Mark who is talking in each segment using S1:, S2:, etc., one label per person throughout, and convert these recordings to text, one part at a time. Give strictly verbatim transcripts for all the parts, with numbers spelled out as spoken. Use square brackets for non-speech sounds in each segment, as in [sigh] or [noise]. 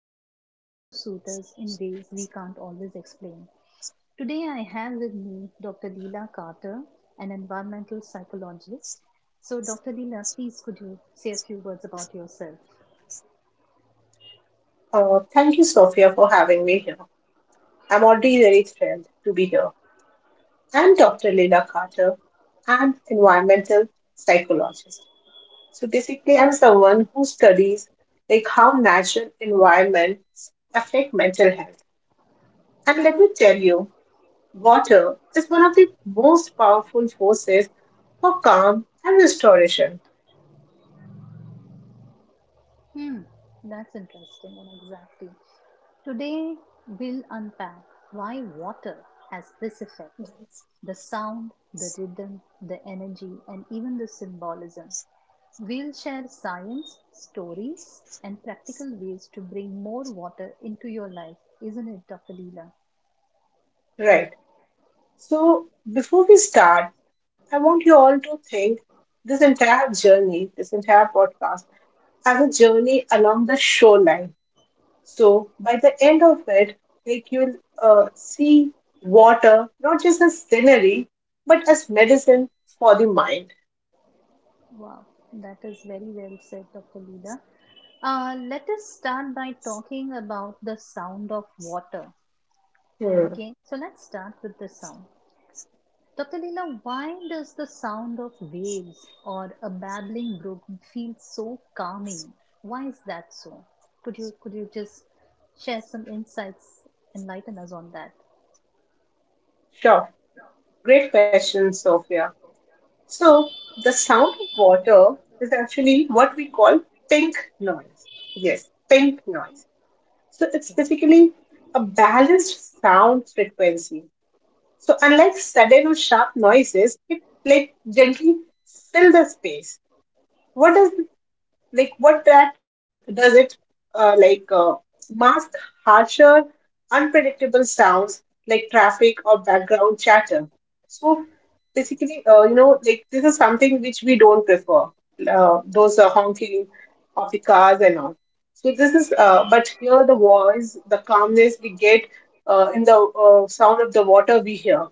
S1: they all seem to soothe us in ways we can't always explain. Today, I have with me Doctor Leela Carter, an environmental psychologist. So, Doctor Leela, please could you say a few words about yourself?
S2: Uh, thank you, Sophia, for having me here. I'm already very thrilled to be here. I'm doctor Leila Carter. I'm environmental psychologist. So basically, I'm someone who studies like how natural environments affect mental health. And let me tell you, water is one of the most powerful forces for calm and restoration.
S1: Hmm, that's interesting, and exactly. Today, we'll unpack why water has this effect: the sound, the rhythm, the energy, and even the symbolism. We'll share science, stories, and practical ways to bring more water into your life, isn't it, Doctor Leela?
S2: Right. So before we start, I want you all to think this entire journey, this entire podcast have a journey along the shoreline. So by the end of it, like you'll uh, see water not just as scenery, but as medicine for the mind.
S1: Wow, that is very well said, Doctor Leela. Uh, let us start by talking about the sound of water.
S2: Hmm.
S1: Okay, so let's start with the sound. Doctor Leela, why does the sound of waves or a babbling brook feel so calming? Why is that so? Could you could you just share some insights, enlighten us on that?
S2: Sure, great question, Sophia. So the sound of water is actually what we call pink noise. Yes, pink noise. So it's
S1: Okay.
S2: basically a balanced sound frequency. So unlike sudden or sharp noises, it like gently fill the space. What does like what that does does it uh, like uh, mask harsher unpredictable sounds like traffic or background chatter. So basically, uh, you know, like this is something which we don't prefer, uh, those uh, honking of the cars and all. So this is uh, but here the voice, the calmness we get uh, in the uh, sound of the water we hear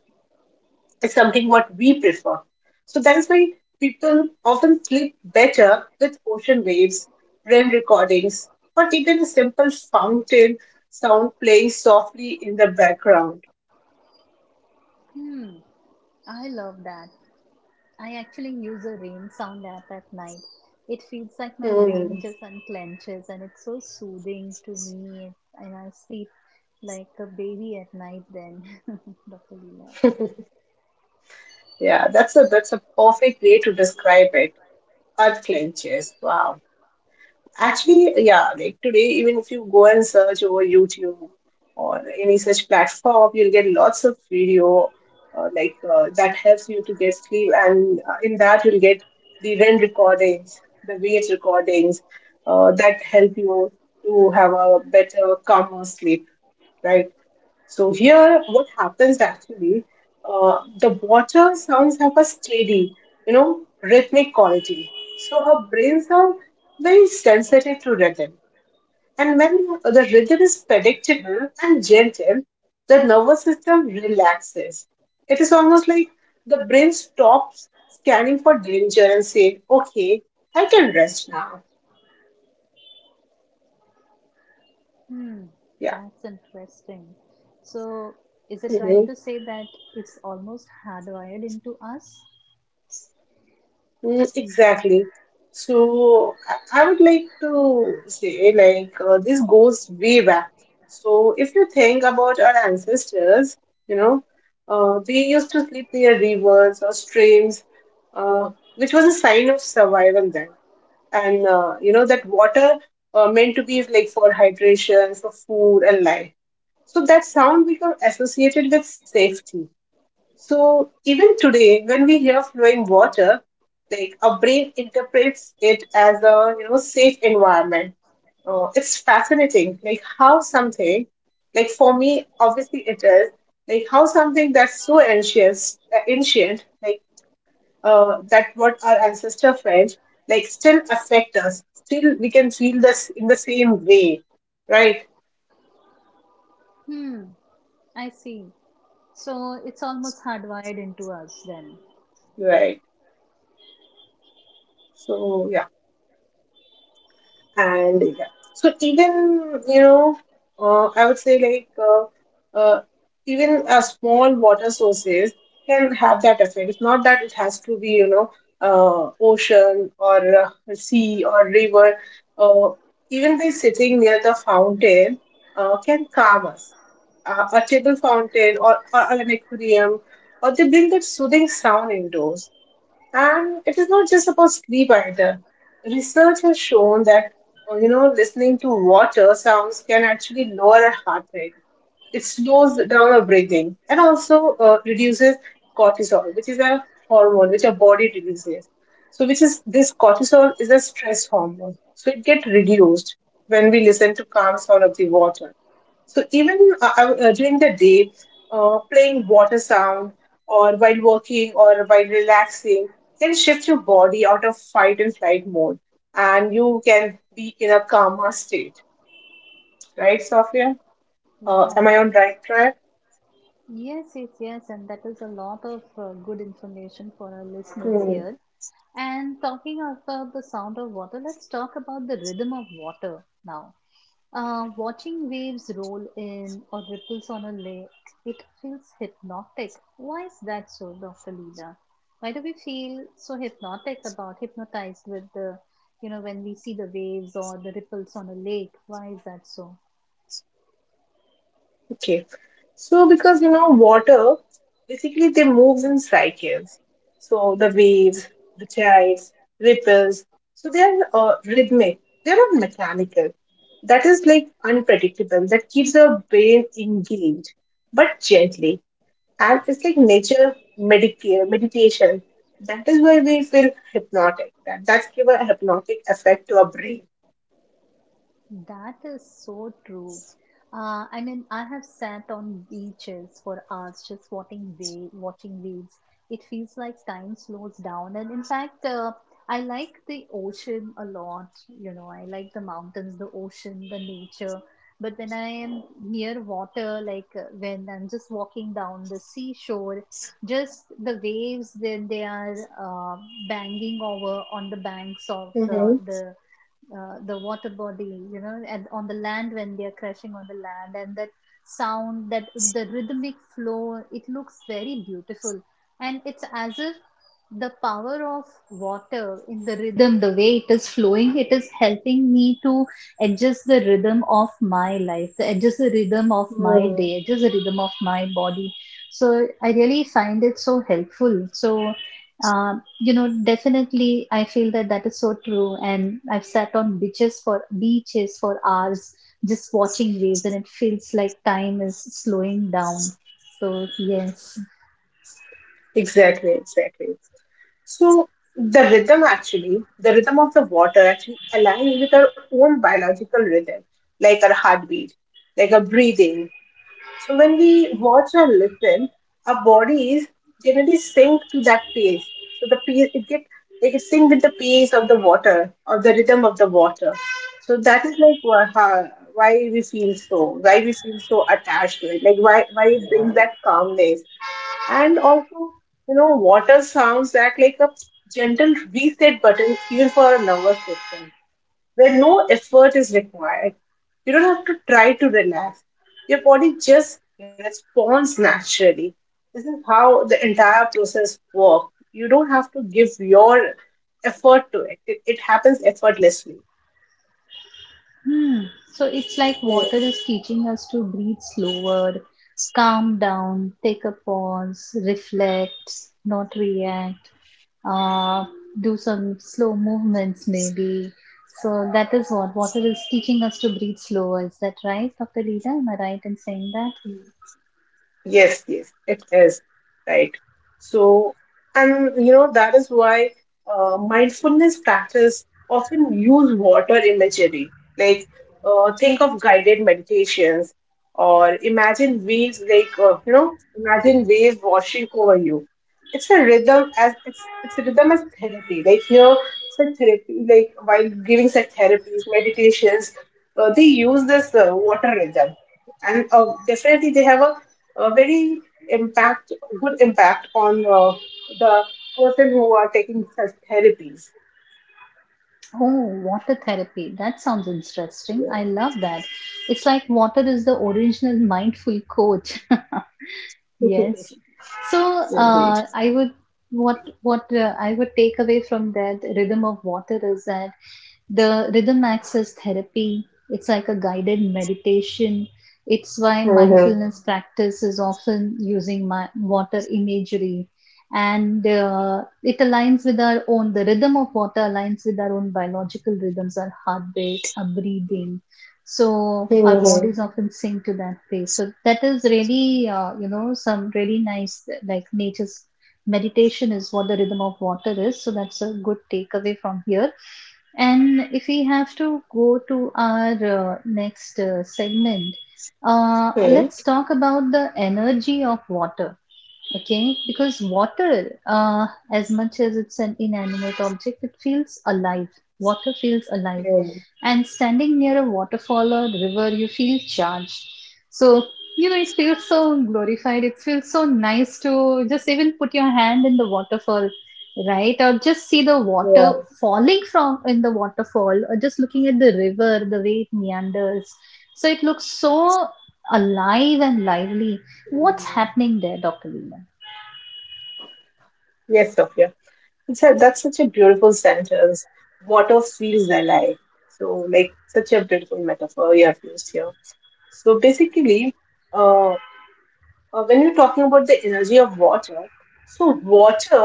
S2: is something what we prefer. So that is why people often sleep better with ocean waves, rain recordings, or even a simple fountain sound playing softly in the background.
S1: Hmm, I love that. I actually use a rain sound app at night. It feels like my
S2: Hmm.
S1: brain just unclenches, and it's so soothing to me, and I sleep like a baby at night then, [laughs] Doctor Leela.
S2: Yeah, that's a that's a perfect way to describe it. Earth clenches. Wow. Actually, yeah, like today, even if you go and search over YouTube or any such platform, you'll get lots of video uh, like uh, that helps you to get sleep, and uh, in that you'll get the R E M recordings, the waves recordings uh, that help you to have a better, calmer sleep, right? So here, what happens actually, uh, the water sounds have a steady, you know, rhythmic quality. So our brains are very sensitive to rhythm. And when the rhythm is predictable and gentle, the nervous system relaxes. It is almost like the brain stops scanning for danger and say, okay, I can rest now.
S1: Hmm,
S2: Yeah.
S1: that's interesting. So, is it right to say that it's almost hardwired into us?
S2: Mm, Exactly. So I I would like to say, like, uh, this goes way back. So if you think about our ancestors, you know, uh, they used to sleep near rivers or streams, uh, which was a sign of survival then. And, uh, you know, that water uh, meant to be like for hydration, for food and life. So that sound become associated with safety, so even today, when we hear flowing water, like our brain interprets it as a, you know, safe environment. Uh, it's fascinating, like how something, like for me, obviously it is, like how something that's so ancient, uh, ancient, like uh, that what our ancestor felt, like still affect us. Still, we can feel this in the same way, right?
S1: Hmm, I see. So, it's almost hardwired into us then.
S2: Right. So yeah. And yeah, so even, you know, uh, I would say like uh, uh, even a small water sources can have that effect. It's not that it has to be, you know, uh, ocean or uh, sea or river, uh, even by sitting near the fountain uh, can calm us. Uh, a table fountain or, or an aquarium or they bring that soothing sound indoors, and it is not just about sleep either. Research has shown that, uh, you know, listening to water sounds can actually lower our heart rate. It slows down our breathing and also uh, reduces cortisol, which is a hormone which our body releases. So, which is this cortisol is a stress hormone. So, it gets reduced when we listen to calm sound of the water. So even uh, uh, uh, during the day, uh, playing water sound or while working or while relaxing can shift your body out of fight and flight mode, and you can be in a calmer state. Right, Sophia? Uh,
S1: Wow,
S2: am I
S1: that
S2: on
S1: is
S2: right track?
S1: yes, yes, yes, and that is a lot of uh, good information for our listeners
S2: Hmm.
S1: here. And talking about the sound of water, let's talk about the rhythm of water now. Uh, watching waves roll in or ripples on a lake, it feels hypnotic. Why is that so, Doctor Leela? Why do we feel so hypnotic about hypnotized with the, you know, when we see the waves or the ripples on a lake? Why is that so?
S2: Okay. So because you know water basically they moves in cycles. So the waves, the tides, ripples. So they are uh, rhythmic. They are not mechanical. That is like unpredictable. That keeps our brain engaged, but gently. And it's like nature medita- meditation. That is why we feel hypnotic. That that's give a hypnotic effect to our brain.
S1: That is so true. Uh, I mean, I have sat on beaches for hours just watching wave, watching waves. It feels like time slows down, and in fact, uh, I like the ocean a lot. You know, I like the mountains, the ocean, the nature. But when I am near water, like uh, when I'm just walking down the seashore, just the waves, then they are uh, banging over on the banks of uh, the uh, the water body, you know, and on the land when they are crashing on the land, and that sound, that the rhythmic flow, it looks very beautiful, and it's as if the power of water in the rhythm, the way it is flowing, it is helping me to adjust the rhythm of my life, to adjust the rhythm of my
S2: Mm-hmm.
S1: day, adjust the rhythm of my body. So I really find it so helpful. So um, you know, definitely, I feel that that is so true. And I've sat on beaches for beaches for hours, just watching waves, and it feels like time is slowing down. So yes,
S2: Exactly. Exactly. So the rhythm actually, the rhythm of the water actually aligns with our own biological rhythm, like our heartbeat, like our breathing. So when we watch or listen, our bodies generally sync to that pace. So the pace it get it gets sync with the pace of the water, of the rhythm of the water. So that is like wha- how- why we feel so, why we feel so attached to it, like why why it brings that calmness. And also, you know, water sounds act like a gentle reset button even for our nervous system, where no effort is required. You don't have to try to relax. Your body just responds naturally. This is how the entire process works. You don't have to give your effort to it. It, it happens effortlessly.
S1: hmm, so it's like water
S2: Mm.
S1: is teaching us to breathe slower, calm down, take a pause, reflect, not react. uh, do some slow movements maybe. So that is what water is teaching us to breathe slower. Is that right, Doctor Lida? Am I right in saying that?
S2: Yes, yes, it is. Right. So, and you know, that is why uh, mindfulness practice often use water imagery. Like, uh, think of guided meditations or imagine waves, like, uh, you know, imagine waves washing over you. It's a rhythm as it's it's a rhythm as therapy. Like here, such therapy, like while giving such therapies, meditations, uh, they use this uh, water rhythm, and uh, definitely they have a a very impact, good impact on uh, the person who are taking such therapies.
S1: Oh, water therapy. That sounds interesting.
S2: Yeah.
S1: I love that. It's like water is the original mindful coach. [laughs] Yes.
S2: [laughs]
S1: So
S2: Indeed.
S1: uh, I would what what uh, I would take away from that rhythm of water is that the rhythm acts as therapy, it's like a guided meditation. It's why
S2: Mm-hmm.
S1: mindfulness practice is often using my, water imagery. And uh, it aligns with our own, the rhythm of water aligns with our own biological rhythms, our heartbeat, our breathing. So our
S2: Hmm.
S1: bodies often sink to that place. So that is really, uh, you know, some really nice, like nature's meditation is what the rhythm of water is. So that's a good takeaway from here. And if we have to go to our uh, next uh, segment, uh, let's talk about the energy of water. Okay, because water, uh, as much as it's an inanimate object, it feels alive. Water feels alive.
S2: Hmm.
S1: And standing near a waterfall or river, you feel charged. So, you know, it feels so glorified. It feels so nice to just even put your hand in the waterfall, right? Or just see the water
S2: Right.
S1: falling from in the waterfall, or just looking at the river, the way it meanders. So it looks so alive and lively. What's
S2: Mm.
S1: happening there, Doctor Veena?
S2: Yes, Sophia, it's a, that's such a beautiful sentence, motto feels alive. So like such a beautiful metaphor you have used here. So basically, uh, uh, when you're talking about the energy of water, so water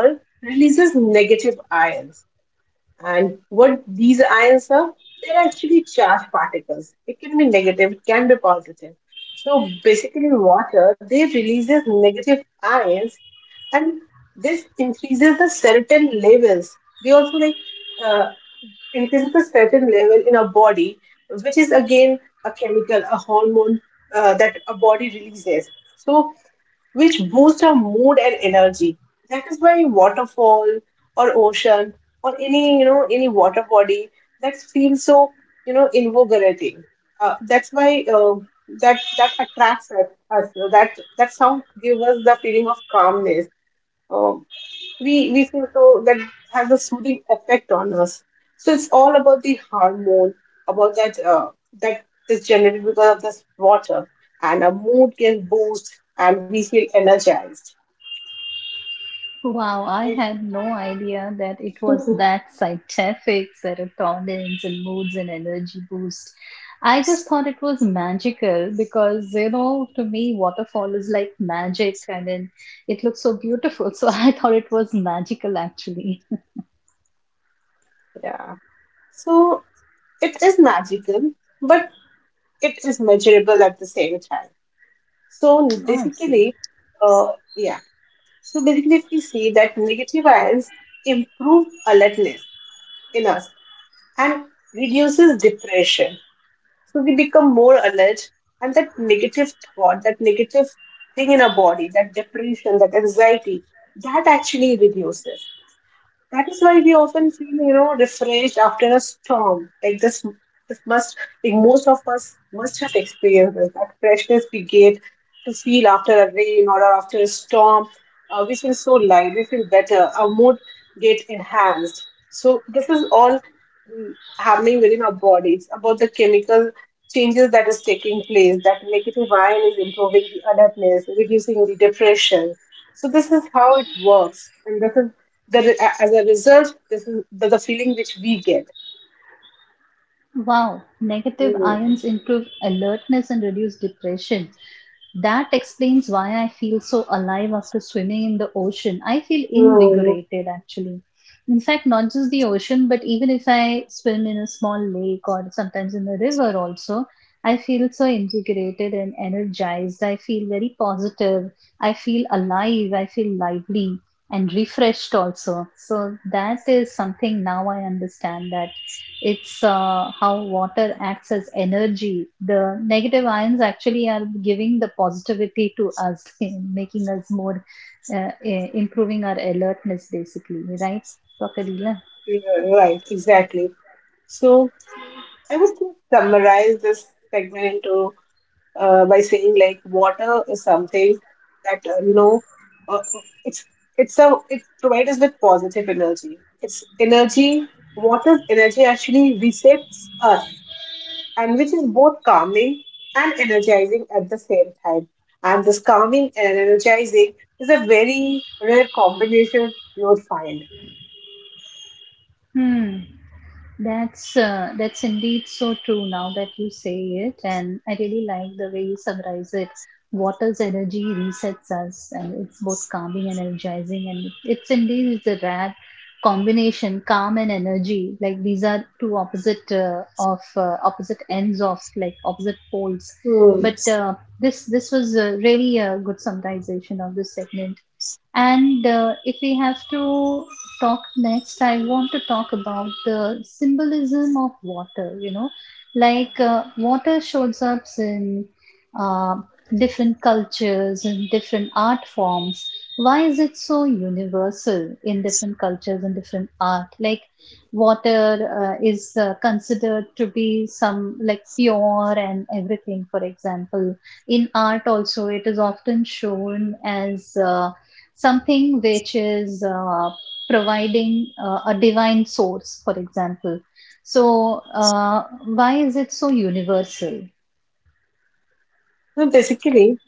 S2: releases negative ions. And what these ions are, they're actually charged particles. It can be negative, it can be positive. So basically, water they releases negative ions, and this increases the certain levels. They also like uh, increases the certain level in our body, which is again a chemical, a hormone uh, that a body releases. So which boost our mood and energy. That is why waterfall or ocean or any, you know, any water body that feels so, you know, invigorating. Uh, that's why uh, that that attracts us. us. That that sound gives us the feeling of calmness. Uh, we we feel so that has a soothing effect on us. So it's all about the hormone, about that uh, that is generated because of this water, and our mood gets boost, and we feel energized,
S1: Wow, I
S2: right?
S1: had no idea that it was
S2: [laughs]
S1: that scientific, serotonin and moods and energy boost. I just thought it was magical because, you know, to me, waterfall is like magic, and then it looks so beautiful. [laughs] So I thought it was magical actually.
S2: Yeah. So it is magical, but it is measurable at the same time. So
S1: Oh, I see.
S2: basically, uh, yeah. So basically, if we see that negative ions improve alertness in us and reduces depression. So we become more alert, and that negative thought, that negative thing in our body, that depression, that anxiety, that actually reduces. That is why we often feel, you know, refreshed after a storm. Like this, this must, like most of us must have experienced this, that freshness we get to feel after a rain or after a storm. Uh, we feel so light, we feel better, our mood get enhanced. So this is all mm, happening within our body. It's about the chemical changes that is taking place. That negative ion is improving the alertness, reducing the depression. So this is how it works, and this is the, as a result, this is the, the feeling which we get.
S1: Wow, negative
S2: Mm.
S1: ions improve alertness and reduce depression. That explains why I feel so alive after swimming in the ocean. I feel
S2: Hmm.
S1: invigorated actually. In fact, not just the ocean, but even if I swim in a small lake or sometimes in a river also, I feel so invigorated and energized. I feel very positive. I feel alive. I feel lively and refreshed also. So that is something now I understand, that it's uh, how water acts as energy. The negative ions actually are giving the positivity to us, [laughs] making us more, uh, eh, improving our alertness, basically, right, Doctor Leela?
S2: Yeah, right, exactly. So I would just summarize this segment into uh, by saying like water is something that, uh, you know, uh, it's it's a, it provides us with positive energy. It's energy. Water's energy actually resets us and which is both calming and energizing at the same time. And this calming and energizing is a very rare combination you would find.
S1: Hmm. That's uh, that's indeed so true now that you say it, and I really like the way you summarize it. Water's energy resets us, and it's both calming and energizing, and it's indeed is a rare combination, calm and energy. Like these are two opposite uh, of uh, opposite ends of like opposite poles.
S2: Hmm.
S1: But uh, this this was uh, really a good summarization of this segment. And uh, if we have to talk next, I want to talk about the symbolism of water, you know, like uh, water shows up in uh, different cultures and different art forms. Why is it so universal in different cultures and different art? Like, water uh, is uh, considered to be some like pure and everything, for example. In art, also, it is often shown as. Uh, something which is uh, providing uh, a divine source, for example. So, uh, why is it so universal?
S2: So basically,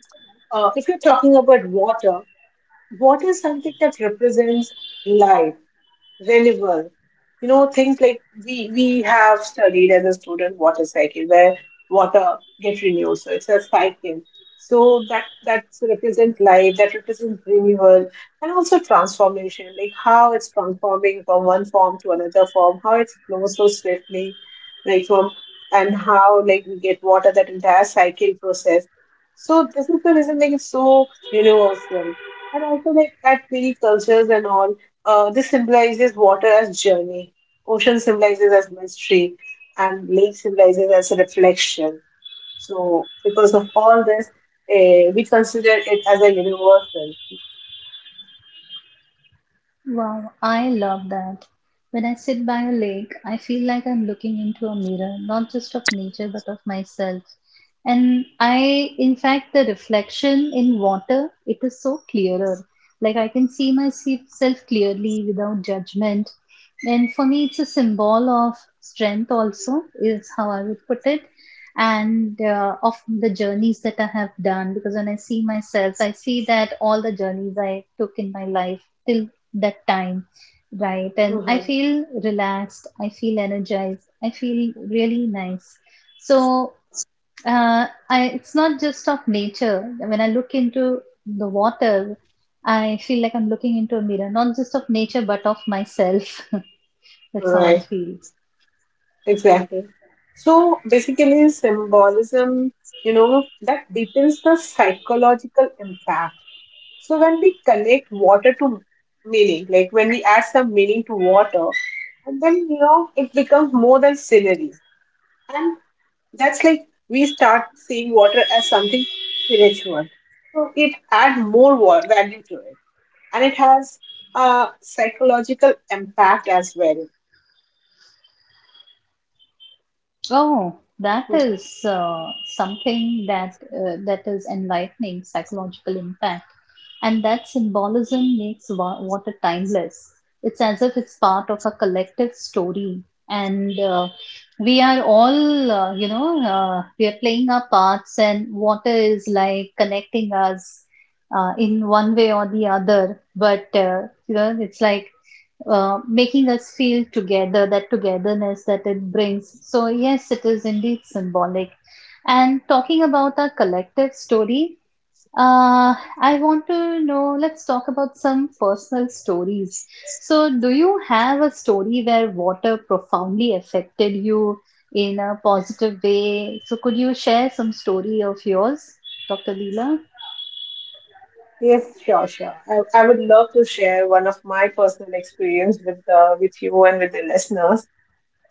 S2: uh, if you're talking about water, water is something that represents life, renewal. You know, things like we we have studied as a student water cycle where water get renewed. So it's a cycle. So that that represents life, that represents renewal and also transformation, like how it's transforming from one form to another form, how it flows so swiftly, like from and how like we get water, that entire cycle process. So this is the reason like it's so universal. And also like at many cultures and all, uh, this symbolizes water as journey, ocean symbolizes as mystery, and lake symbolizes as reflection. So, because of all this, uh, we consider it as a universal.
S1: Wow, I love that. When I sit by a lake, I feel like I'm looking into a mirror, not just of nature, but of myself. And I, in fact, the reflection in water, it is so clearer. Like I can see myself clearly without judgment. And for me, it's a symbol of strength, also, is how I would put it. And uh, of the journeys that I have done, because when I see myself, I see that all the journeys I took in my life till that time, right, and I
S2: Mm-hmm.
S1: feel relaxed, I feel energized, I feel really nice. So uh, I, it's not just of nature. When I look into the water, I feel like I'm looking into a mirror, not just of nature but of myself. [laughs] That's how I
S2: Right,
S1: feel.
S2: exactly. So, basically, symbolism, you know, that deepens the psychological impact. So, when we connect water to meaning, like when we add some meaning to water, and then, you know, it becomes more than scenery. And that's like we start seeing water as something spiritual. So it adds more wa- value to it. And it has a psychological impact as well.
S1: Oh, that
S2: Hmm.
S1: is uh, something that uh, that is enlightening psychological impact, and that symbolism makes wa- water timeless. It's as if it's part of a collective story, and uh, we are all, uh, you know, uh, we are playing our parts, and water is like connecting us uh, in one way or the other. But uh, you know, it's like uh, making us feel together, that togetherness that it brings. So, yes, it is indeed symbolic. And talking about our collective story, uh, I want to know, let's talk about some personal stories. So, do you have a story where water profoundly affected you in a positive way? So, could you share some story of yours, Doctor Leela?
S2: Yes, sure, sure. I, I would love to share one of my personal experience with uh, with you and with the listeners.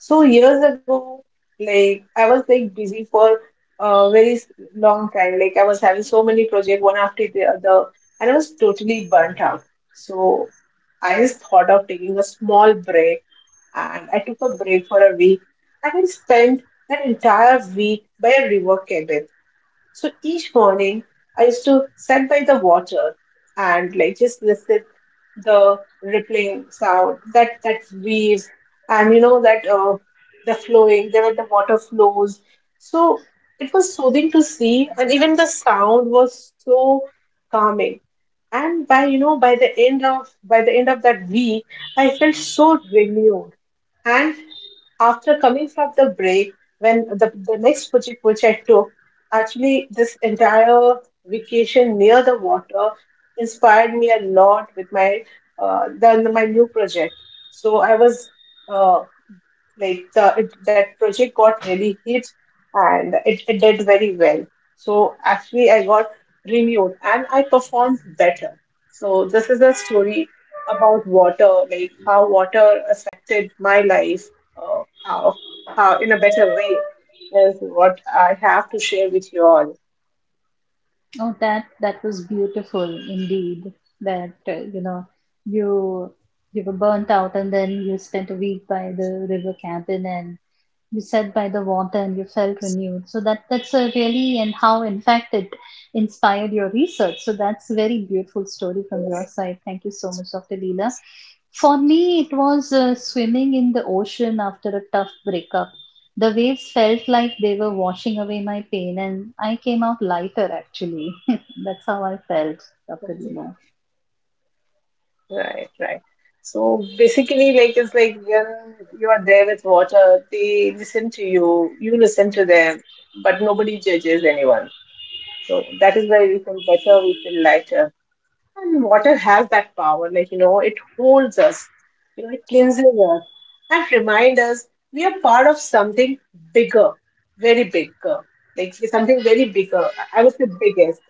S2: So years ago, like I was like busy for a very s- long time. Like I was having so many projects one after the other, and I was totally burnt out. So I just thought of taking a small break, and I took a break for a week, I I spent that entire week by a river cabin. So each morning, I used to sit by the water and like just listen the rippling sound, that that waves, and you know that uh, the flowing, the way the water flows. So it was soothing to see, and even the sound was so calming. And by you know by the end of by the end of that week, I felt so renewed. And after coming from the break, when the, the next project which I took, actually, this entire vacation near the water inspired me a lot with my uh, the, my new project. So I was uh, like the, it, that project got really hit and it, it did very well. So actually I got renewed and I performed better. So this is a story about water, like how water affected my life, uh, how, how in a better way is what I have to share with you all.
S1: Oh, that that was beautiful indeed. That uh, you know, you you were burnt out, and then you spent a week by the river cabin, and you said by the water and you felt renewed, so that that's a really, and how in fact it inspired your research. So that's a very beautiful story from your side. Thank you so much, Dr. Leela. For me it was uh, swimming in the ocean after a tough breakup. The waves felt like they were washing away my pain, and I came out lighter actually. [laughs] That's how I felt, Dr. Leela.
S2: Right, right. So basically, like it's like when you are there with water, they listen to you, you listen to them, but nobody judges anyone. So that is why we feel better, we feel lighter. And water has that power, like you know, it holds us, you know, it cleanses us and reminds us we are part of something bigger, very bigger, like something very bigger. I I would say biggest.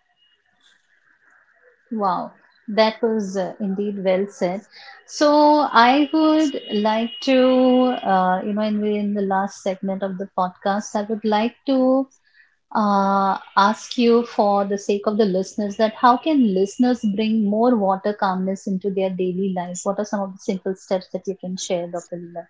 S1: Wow, that was uh, indeed well said. So I would like to, uh, you know, in the, in the last segment of the podcast, I would like to uh, ask you for the sake of the listeners that how can listeners bring more water calmness into their daily life? What are some of the simple steps that you can share, Doctor Lila?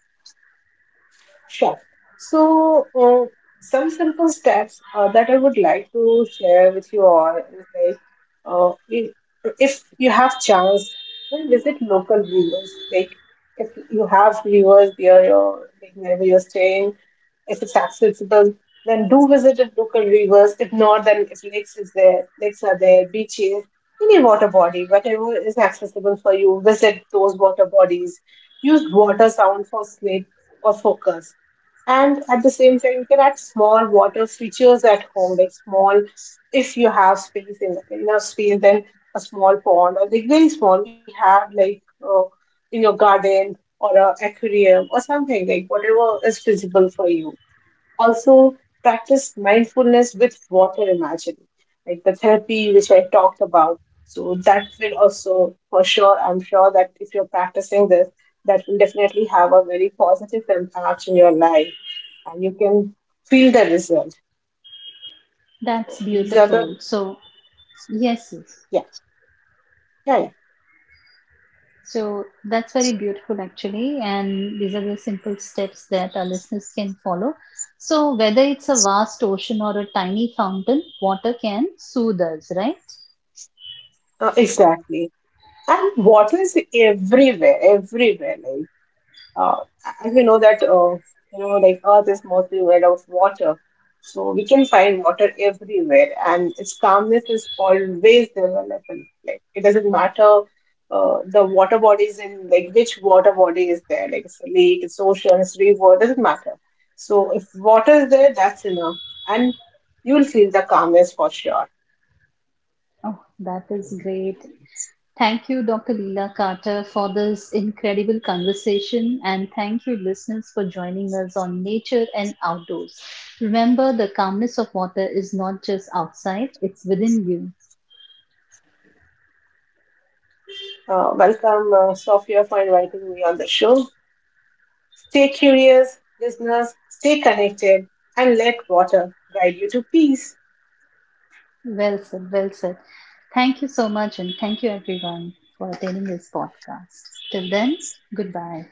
S2: Sure. So, uh, some simple steps uh, that I would like to share with you all is like, uh, i- if you have chance, then visit local rivers. Like, if you have rivers near your, like wherever you're staying, if it's accessible, then do visit the local rivers. If not, then if lakes is there, lakes are there, beaches, any water body, whatever is accessible for you, visit those water bodies. Use water sound for sleep or focus, and at the same time, you can add small water features at home, like small, if you have space in enough space, then a small pond or like very small. We have like uh, in your garden or a aquarium or something, like whatever is feasible for you. Also practice mindfulness with water imagining, like the therapy which I talked about. So that will also, for sure, I'm sure that if you're practicing this, that will definitely have a very positive impact in your life, and you can feel the result.
S1: That's
S2: So these are the,
S1: beautiful. So yes, yes.
S2: yeah, yeah, yeah.
S1: So that's very beautiful, actually. And these are the simple steps that our listeners can follow. So, whether it's a vast ocean or a tiny fountain, water can soothe us, right?
S2: Uh, exactly, and water is everywhere, everywhere, like uh, as we know that uh, you know, like earth is mostly made of water. So we can find water everywhere and its calmness is always available, like it doesn't matter, uh, the water bodies in like which water body is there, like it's a lake, it's ocean, it's river, doesn't matter. So if water is there, that's enough, and you'll feel the calmness for sure.
S1: Oh, that is great. Thank you, Doctor Leela Carter, for this incredible conversation. And thank you, listeners, for joining us on Nature and Outdoors. Remember, the calmness of water is not just outside, it's within you.
S2: Uh, welcome, uh, Sophia, for inviting me on the show. Stay curious, listeners, stay connected, and let water guide you to peace.
S1: Well said, well said. Thank you so much, and thank you everyone for attending this podcast. Till then, goodbye.